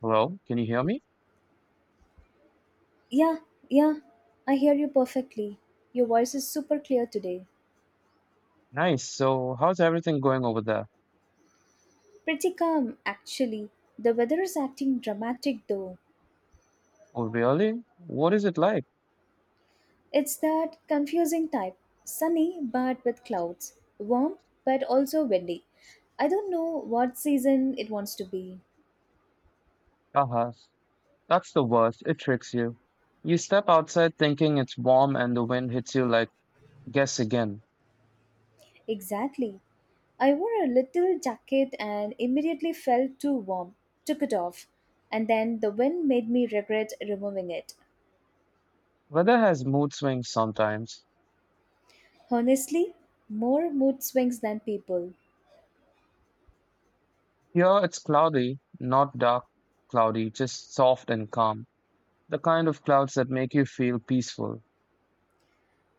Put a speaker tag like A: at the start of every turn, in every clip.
A: Hello, can you hear me?
B: Yeah, yeah, I hear you perfectly. Your voice is super clear today.
A: Nice. So, how's everything going over there?
B: Pretty calm, actually. The weather is acting dramatic though.
A: Oh, really? What is it like?
B: It's that confusing type sunny but with clouds, warm but also windy. I don't know what season it wants to be.
A: Haha, that's the worst. It tricks you. You step outside thinking it's warm and the wind hits you like, guess again.
B: Exactly. I wore a little jacket and immediately felt too warm, took it off, and then the wind made me regret removing it.
A: Weather has mood swings sometimes.
B: Honestly, more mood swings than people.
A: Here it's cloudy, not dark cloudy, just soft and calm. The kind of clouds that make you feel peaceful.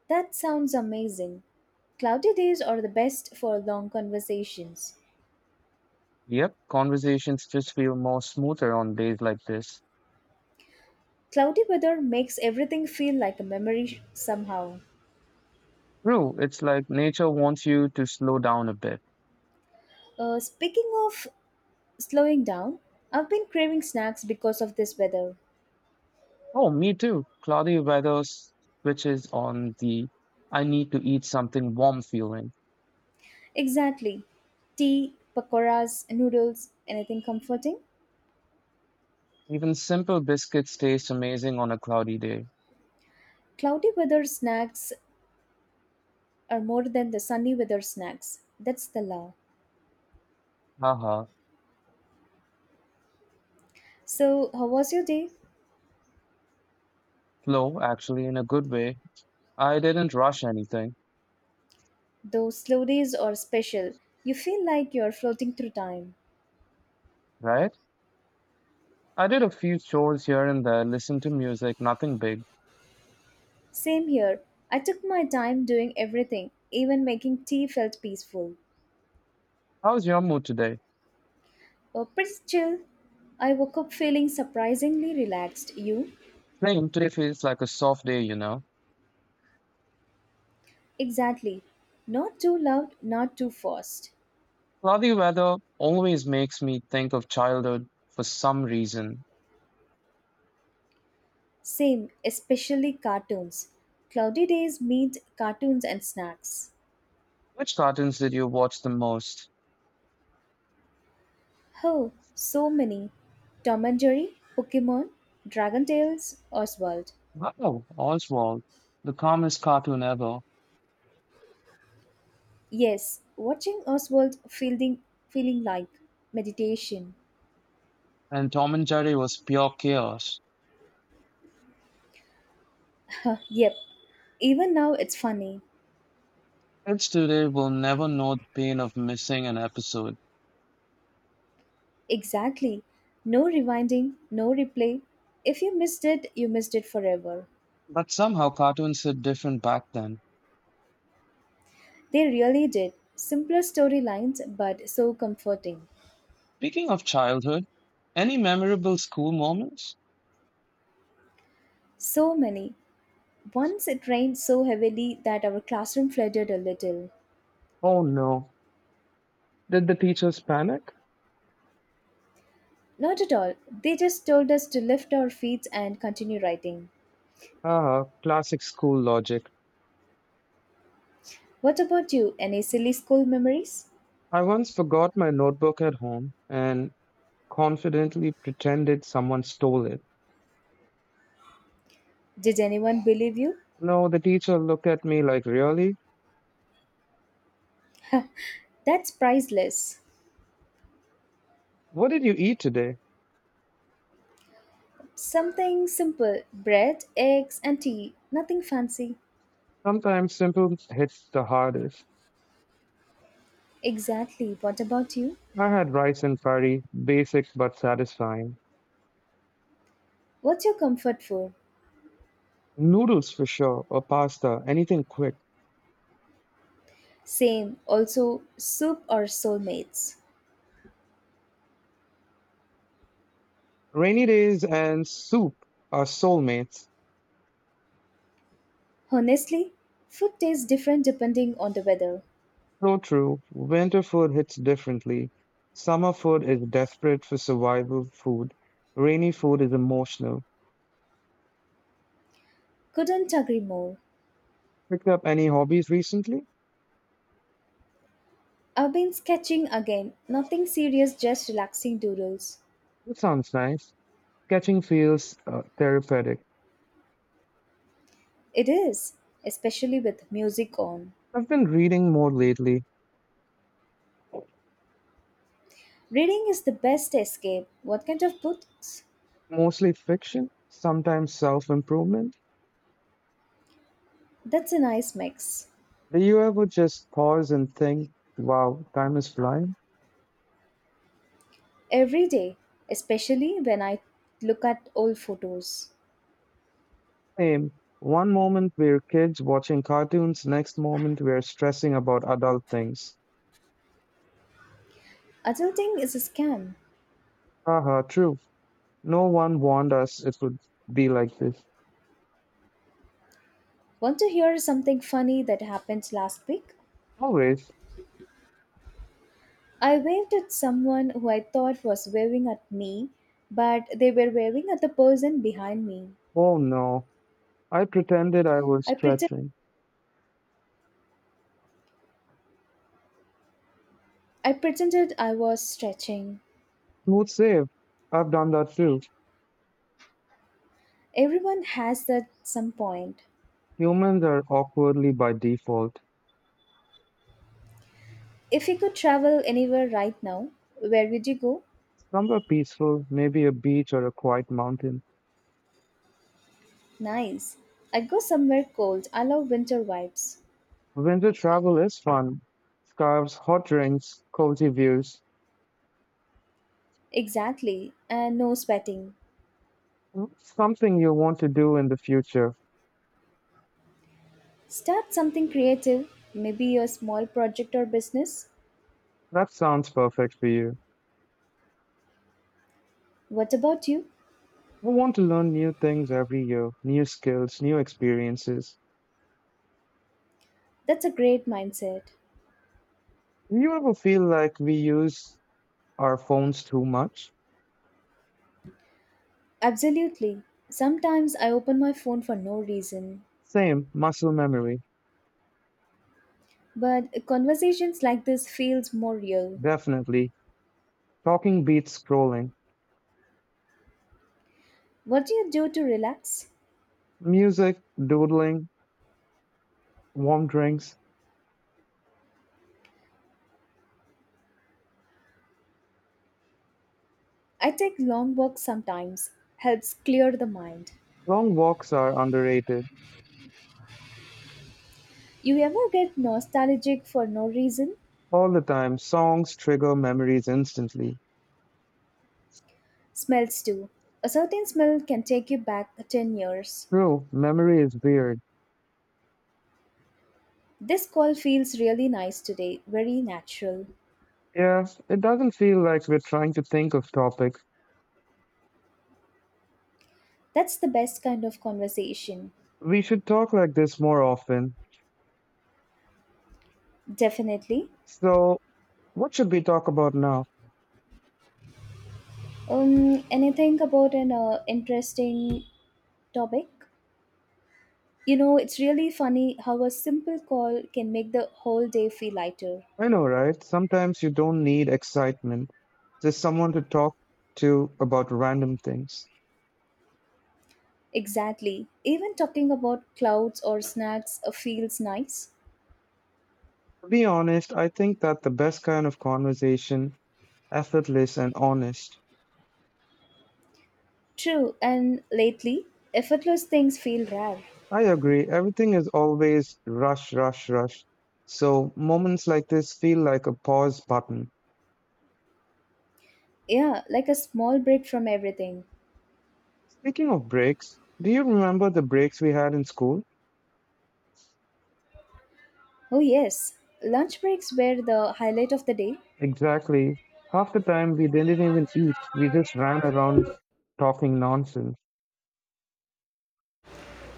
B: That sounds amazing. Cloudy days are the best for long conversations.
A: Yep, conversations just feel more smoother on days like this.
B: Cloudy weather makes everything feel like a memory somehow.
A: True, it's like nature wants you to slow down a bit.
B: Speaking of slowing down, I've been craving snacks because of this weather.
A: Oh, me too. Cloudy weather switches on the I need to eat something warm feeling.
B: Exactly. Tea, pakoras, noodles, anything comforting?
A: Even simple biscuits taste amazing on a cloudy day.
B: Cloudy weather snacks are more than the sunny weather snacks. That's the law.
A: Haha.
B: So, how was your day?
A: Slow, actually, in a good way. I didn't rush anything,
B: Those slow days are special. You feel like you're floating through time.
A: right? I did a few chores here and there, listened to music, nothing big.
B: Same here. I took my time doing everything, even making tea felt peaceful.
A: How's your mood today?
B: Oh, pretty chill. I woke up feeling surprisingly relaxed. You?
A: Same, today feels like a soft day, you know?
B: Exactly. Not too loud, not too fast.
A: Cloudy weather always makes me think of childhood for some reason.
B: Same, especially cartoons. Cloudy days means cartoons and snacks.
A: Which cartoons did you watch the most?
B: Oh, so many. Tom and Jerry, Pokemon, Dragon Tales, Oswald.
A: Wow, Oswald, the calmest cartoon ever,
B: Yes, watching Oswald feeling like meditation.
A: and Tom and Jerry was pure chaos.
B: Yep, even now it's funny.
A: Kids today will never know the pain of missing an episode,
B: Exactly. No rewinding, no replay. If you missed it, you missed it forever.
A: but somehow cartoons hit different back then.
B: They really did. Simpler storylines, but so comforting.
A: Speaking of childhood, any memorable school moments?
B: So many. Once it rained so heavily that our classroom flooded a little.
A: Oh no. Did the teachers panic?
B: Not at all. They just told us to lift our feet and continue writing.
A: Ah, classic school logic.
B: What about you? Any silly school memories?
A: I once forgot my notebook at home and confidently pretended someone stole it.
B: Did anyone believe you?
A: No, the teacher looked at me like, really?
B: That's priceless.
A: What did you eat today?
B: Something simple bread, eggs, and tea. Nothing fancy.
A: Sometimes simple hits the hardest.
B: Exactly. What about you?
A: I had rice and curry, basic but satisfying.
B: What's your comfort food?
A: Noodles for sure, or pasta, anything quick.
B: Same. Also, soup or soulmates.
A: Rainy days and soup are soulmates.
B: Honestly, food tastes different depending on the weather.
A: So true, winter food hits differently. Summer food is desperate for survival food. Rainy food is emotional.
B: Couldn't agree more.
A: Picked up any hobbies recently?
B: I've been sketching again. Nothing serious, just relaxing doodles.
A: That sounds nice. Sketching feels therapeutic.
B: It is, especially with music on.
A: I've been reading more lately,
B: Reading is the best escape. What kind of books?
A: mostly fiction, sometimes self improvement.
B: That's a nice mix.
A: Do you ever just pause and think, wow, time is flying?
B: Every day, especially when I look at old photos.
A: Same. One moment we're kids watching cartoons, next moment we're stressing about adult things.
B: Adulting is a scam.
A: Haha, true. No one warned us it would be like this.
B: Want to hear something funny that happened last week?
A: Always.
B: I waved at someone who I thought was waving at me, but they were waving at the person behind me.
A: Oh no. I pretended I was
B: I pretend
A: stretching.
B: I pretended I was stretching.
A: Smooth save. I've done that too.
B: Everyone has that some point.
A: Humans are awkwardly by default.
B: If you could travel anywhere right now, where would you go?
A: Somewhere peaceful, maybe a beach or a quiet mountain.
B: Nice. I'd go somewhere cold. I love winter vibes.
A: Winter travel is fun. Scarves, hot drinks, cozy views.
B: Exactly, and no sweating.
A: Something you want to do in the future.
B: Start something creative, maybe a small project or business.
A: That sounds perfect for you.
B: What about you?
A: I want to learn new things every year, new skills, new experiences.
B: That's a great mindset.
A: Do you ever feel like we use our phones too much?
B: Absolutely. Sometimes I open my phone for no reason,
A: Same, muscle memory.
B: but conversations like this feels more real.
A: Definitely. Talking beats scrolling.
B: What do you do to relax?
A: Music, doodling, warm drinks.
B: I take long walks sometimes. Helps clear the mind.
A: Long walks are underrated.
B: You ever get nostalgic for no reason?
A: All the time, songs trigger memories instantly.
B: Smells too. A certain smell can take you back 10 years.
A: True, memory is weird.
B: This call feels really nice today, very natural.
A: Yeah, it doesn't feel like we're trying to think of topics.
B: That's the best kind of conversation.
A: We should talk like this more often.
B: Definitely.
A: So, what should we talk about now?
B: Anything about an interesting topic? You know, it's really funny how a simple call can make the whole day feel lighter.
A: I know, right? Sometimes you don't need excitement. Just someone to talk to about random things.
B: Exactly. Even talking about clouds or snacks feels nice.
A: To be honest, I think that the best kind of conversation, effortless and honest.
B: True, and lately, effortless things feel rare.
A: I agree, everything is always rush, rush, rush. So, moments like this feel like a pause button.
B: Yeah, like a small break from everything.
A: Speaking of breaks, do you remember the breaks we had in school?
B: Oh, yes. Lunch breaks were the highlight of the day
A: Exactly. Half the time we didn't even eat, we just ran around talking nonsense.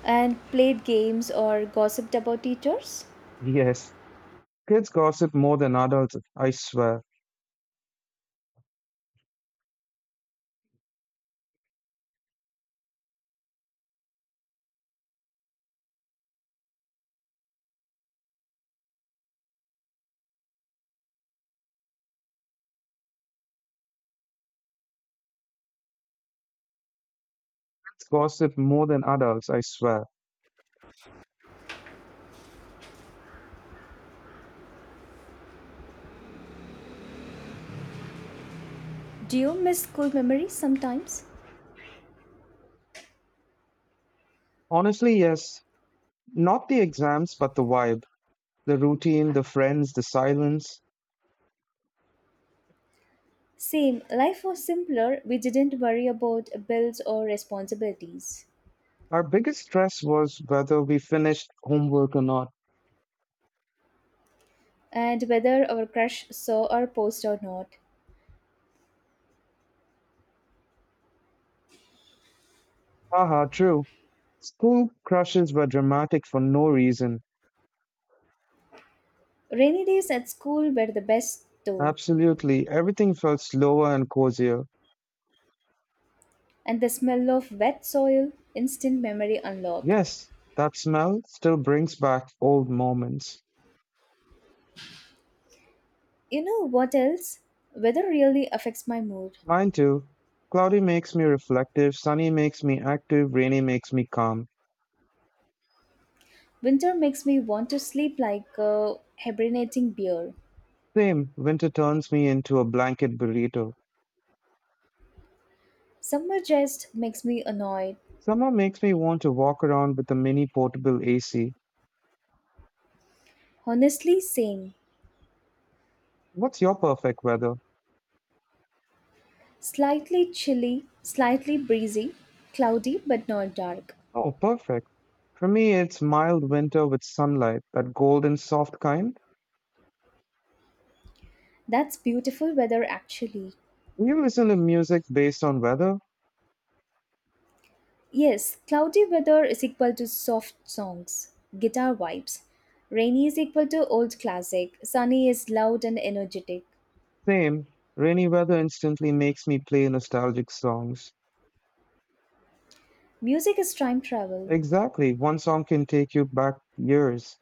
B: and played games or gossiped about teachers.
A: Yes. Kids gossip more than adults, I swear. Kids gossip more than adults, I swear.
B: Do you miss school memories sometimes?
A: Honestly, yes. Not the exams, but the vibe, the routine, the friends, the silence.
B: Same, life was simpler. We didn't worry about bills or responsibilities
A: Our biggest stress was whether we finished homework or not.
B: and whether our crush saw our post or not.
A: Haha, true. School crushes were dramatic for no reason.
B: Rainy days at school were the best though,
A: Absolutely. Everything felt slower and cozier.
B: and the smell of wet soil, instant memory unlock.
A: Yes, that smell still brings back old moments.
B: You know what else? Weather really affects my mood.
A: Mine too. Cloudy makes me reflective, sunny makes me active, rainy makes me calm.
B: Winter makes me want to sleep like a hibernating bear.
A: Same, winter turns me into a blanket burrito.
B: Summer just makes me annoyed.
A: Summer makes me want to walk around with a mini portable AC.
B: Honestly, same.
A: What's your perfect weather?
B: Slightly chilly, slightly breezy, cloudy but not dark.
A: Oh, perfect. For me, it's mild winter with sunlight, that golden soft kind.
B: That's beautiful weather actually.
A: Do You listen to music based on weather?
B: Yes, cloudy weather is equal to soft songs, guitar vibes. Rainy is equal to old classic, sunny is loud and energetic.
A: Same. Rainy weather instantly makes me play nostalgic songs.
B: Music is time travel.
A: Exactly. One song can take you back years.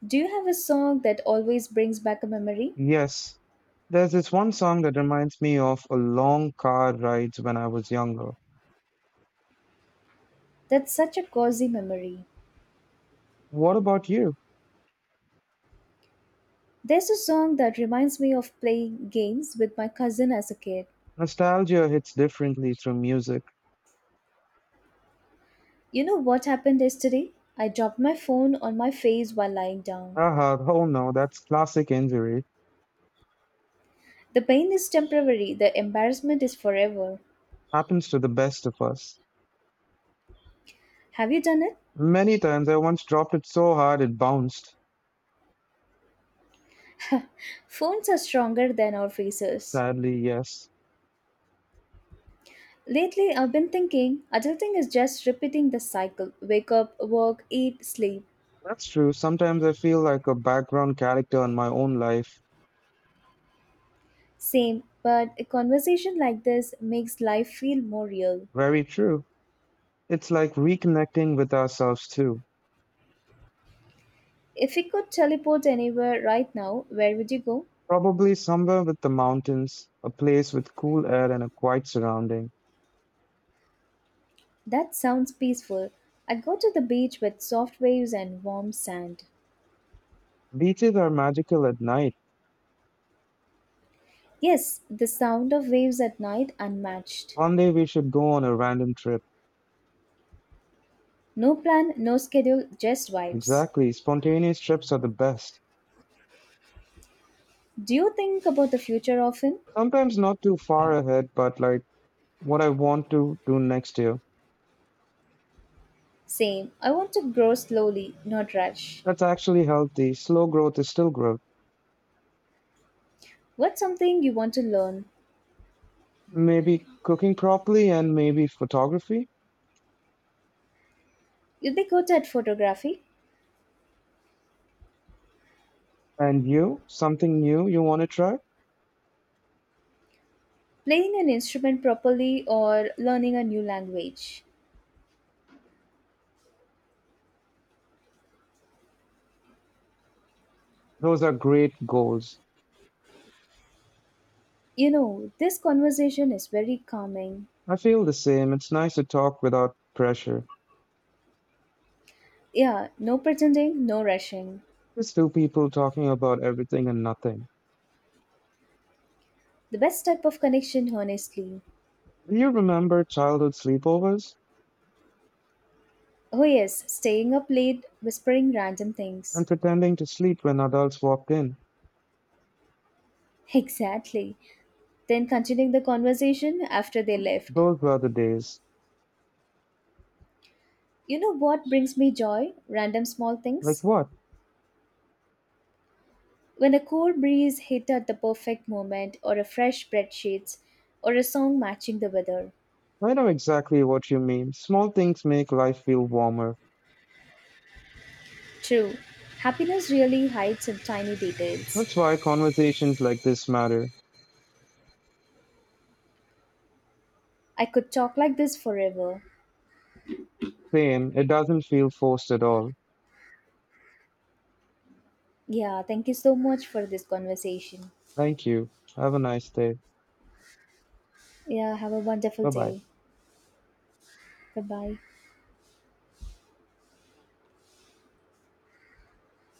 B: Do you have a song that always brings back a memory?
A: Yes. There's this one song that reminds me of a long car rides when I was younger.
B: That's such a cozy memory.
A: What about you?
B: There's a song that reminds me of playing games with my cousin as a kid.
A: Nostalgia hits differently through music.
B: You know what happened yesterday? I dropped my phone on my face while lying down.
A: Aha, oh no, that's classic injury.
B: The pain is temporary, the embarrassment is forever.
A: Happens to the best of us.
B: Have you done it?
A: Many times I once dropped it so hard it bounced.
B: Phones are stronger than our faces.
A: Sadly, yes.
B: Lately, I've been thinking adulting is just repeating the cycle wake up, work, eat, sleep.
A: That's true. Sometimes I feel like a background character in my own life.
B: Same, but a conversation like this makes life feel more real.
A: Very true. It's like reconnecting with ourselves too.
B: If you could teleport anywhere right now, where would you go?
A: Probably somewhere with the mountains, a place with cool air and a quiet surrounding.
B: That sounds peaceful. I go to the beach with soft waves and warm sand.
A: Beaches are magical at night.
B: Yes, the sound of waves at night unmatched.
A: One day we should go on a random trip.
B: No plan, no schedule, just vibes.
A: Exactly. Spontaneous trips are the best.
B: Do you think about the future often?
A: Sometimes not too far ahead, but like what I want to do next year.
B: Same. I want to grow slowly, not rush.
A: That's actually healthy. Slow growth is still growth.
B: What's something you want to learn?
A: Maybe cooking properly and maybe photography.
B: You'd be good at photography,
A: And you, something new you want to try?
B: playing an instrument properly, or learning a new language.
A: Those are great goals.
B: You know, this conversation is very calming.
A: I feel the same. It's nice to talk without pressure.
B: Yeah, no pretending, no rushing.
A: Just two people talking about everything and nothing.
B: The best type of connection, honestly.
A: Do you remember childhood sleepovers
B: Oh, yes, staying up late, whispering random
A: and
B: things.
A: pretending to sleep when adults walked in?
B: Exactly. Then continuing the conversation after they left.
A: Those were the days.
B: You know what brings me joy? Random small
A: Like
B: things.
A: what?
B: When a cool breeze hit at the perfect moment, or a fresh bread sheets, or a song matching the weather.
A: I know exactly what you mean. Small things make life feel warmer.
B: True, happiness really hides in tiny details.
A: That's why conversations like this matter.
B: I could talk like this forever.
A: Same. It doesn't feel forced at all.
B: Yeah, thank you so much for this conversation.
A: Thank you. Have a nice day.
B: Yeah, have a wonderful
A: Bye bye.
B: day. Bye bye.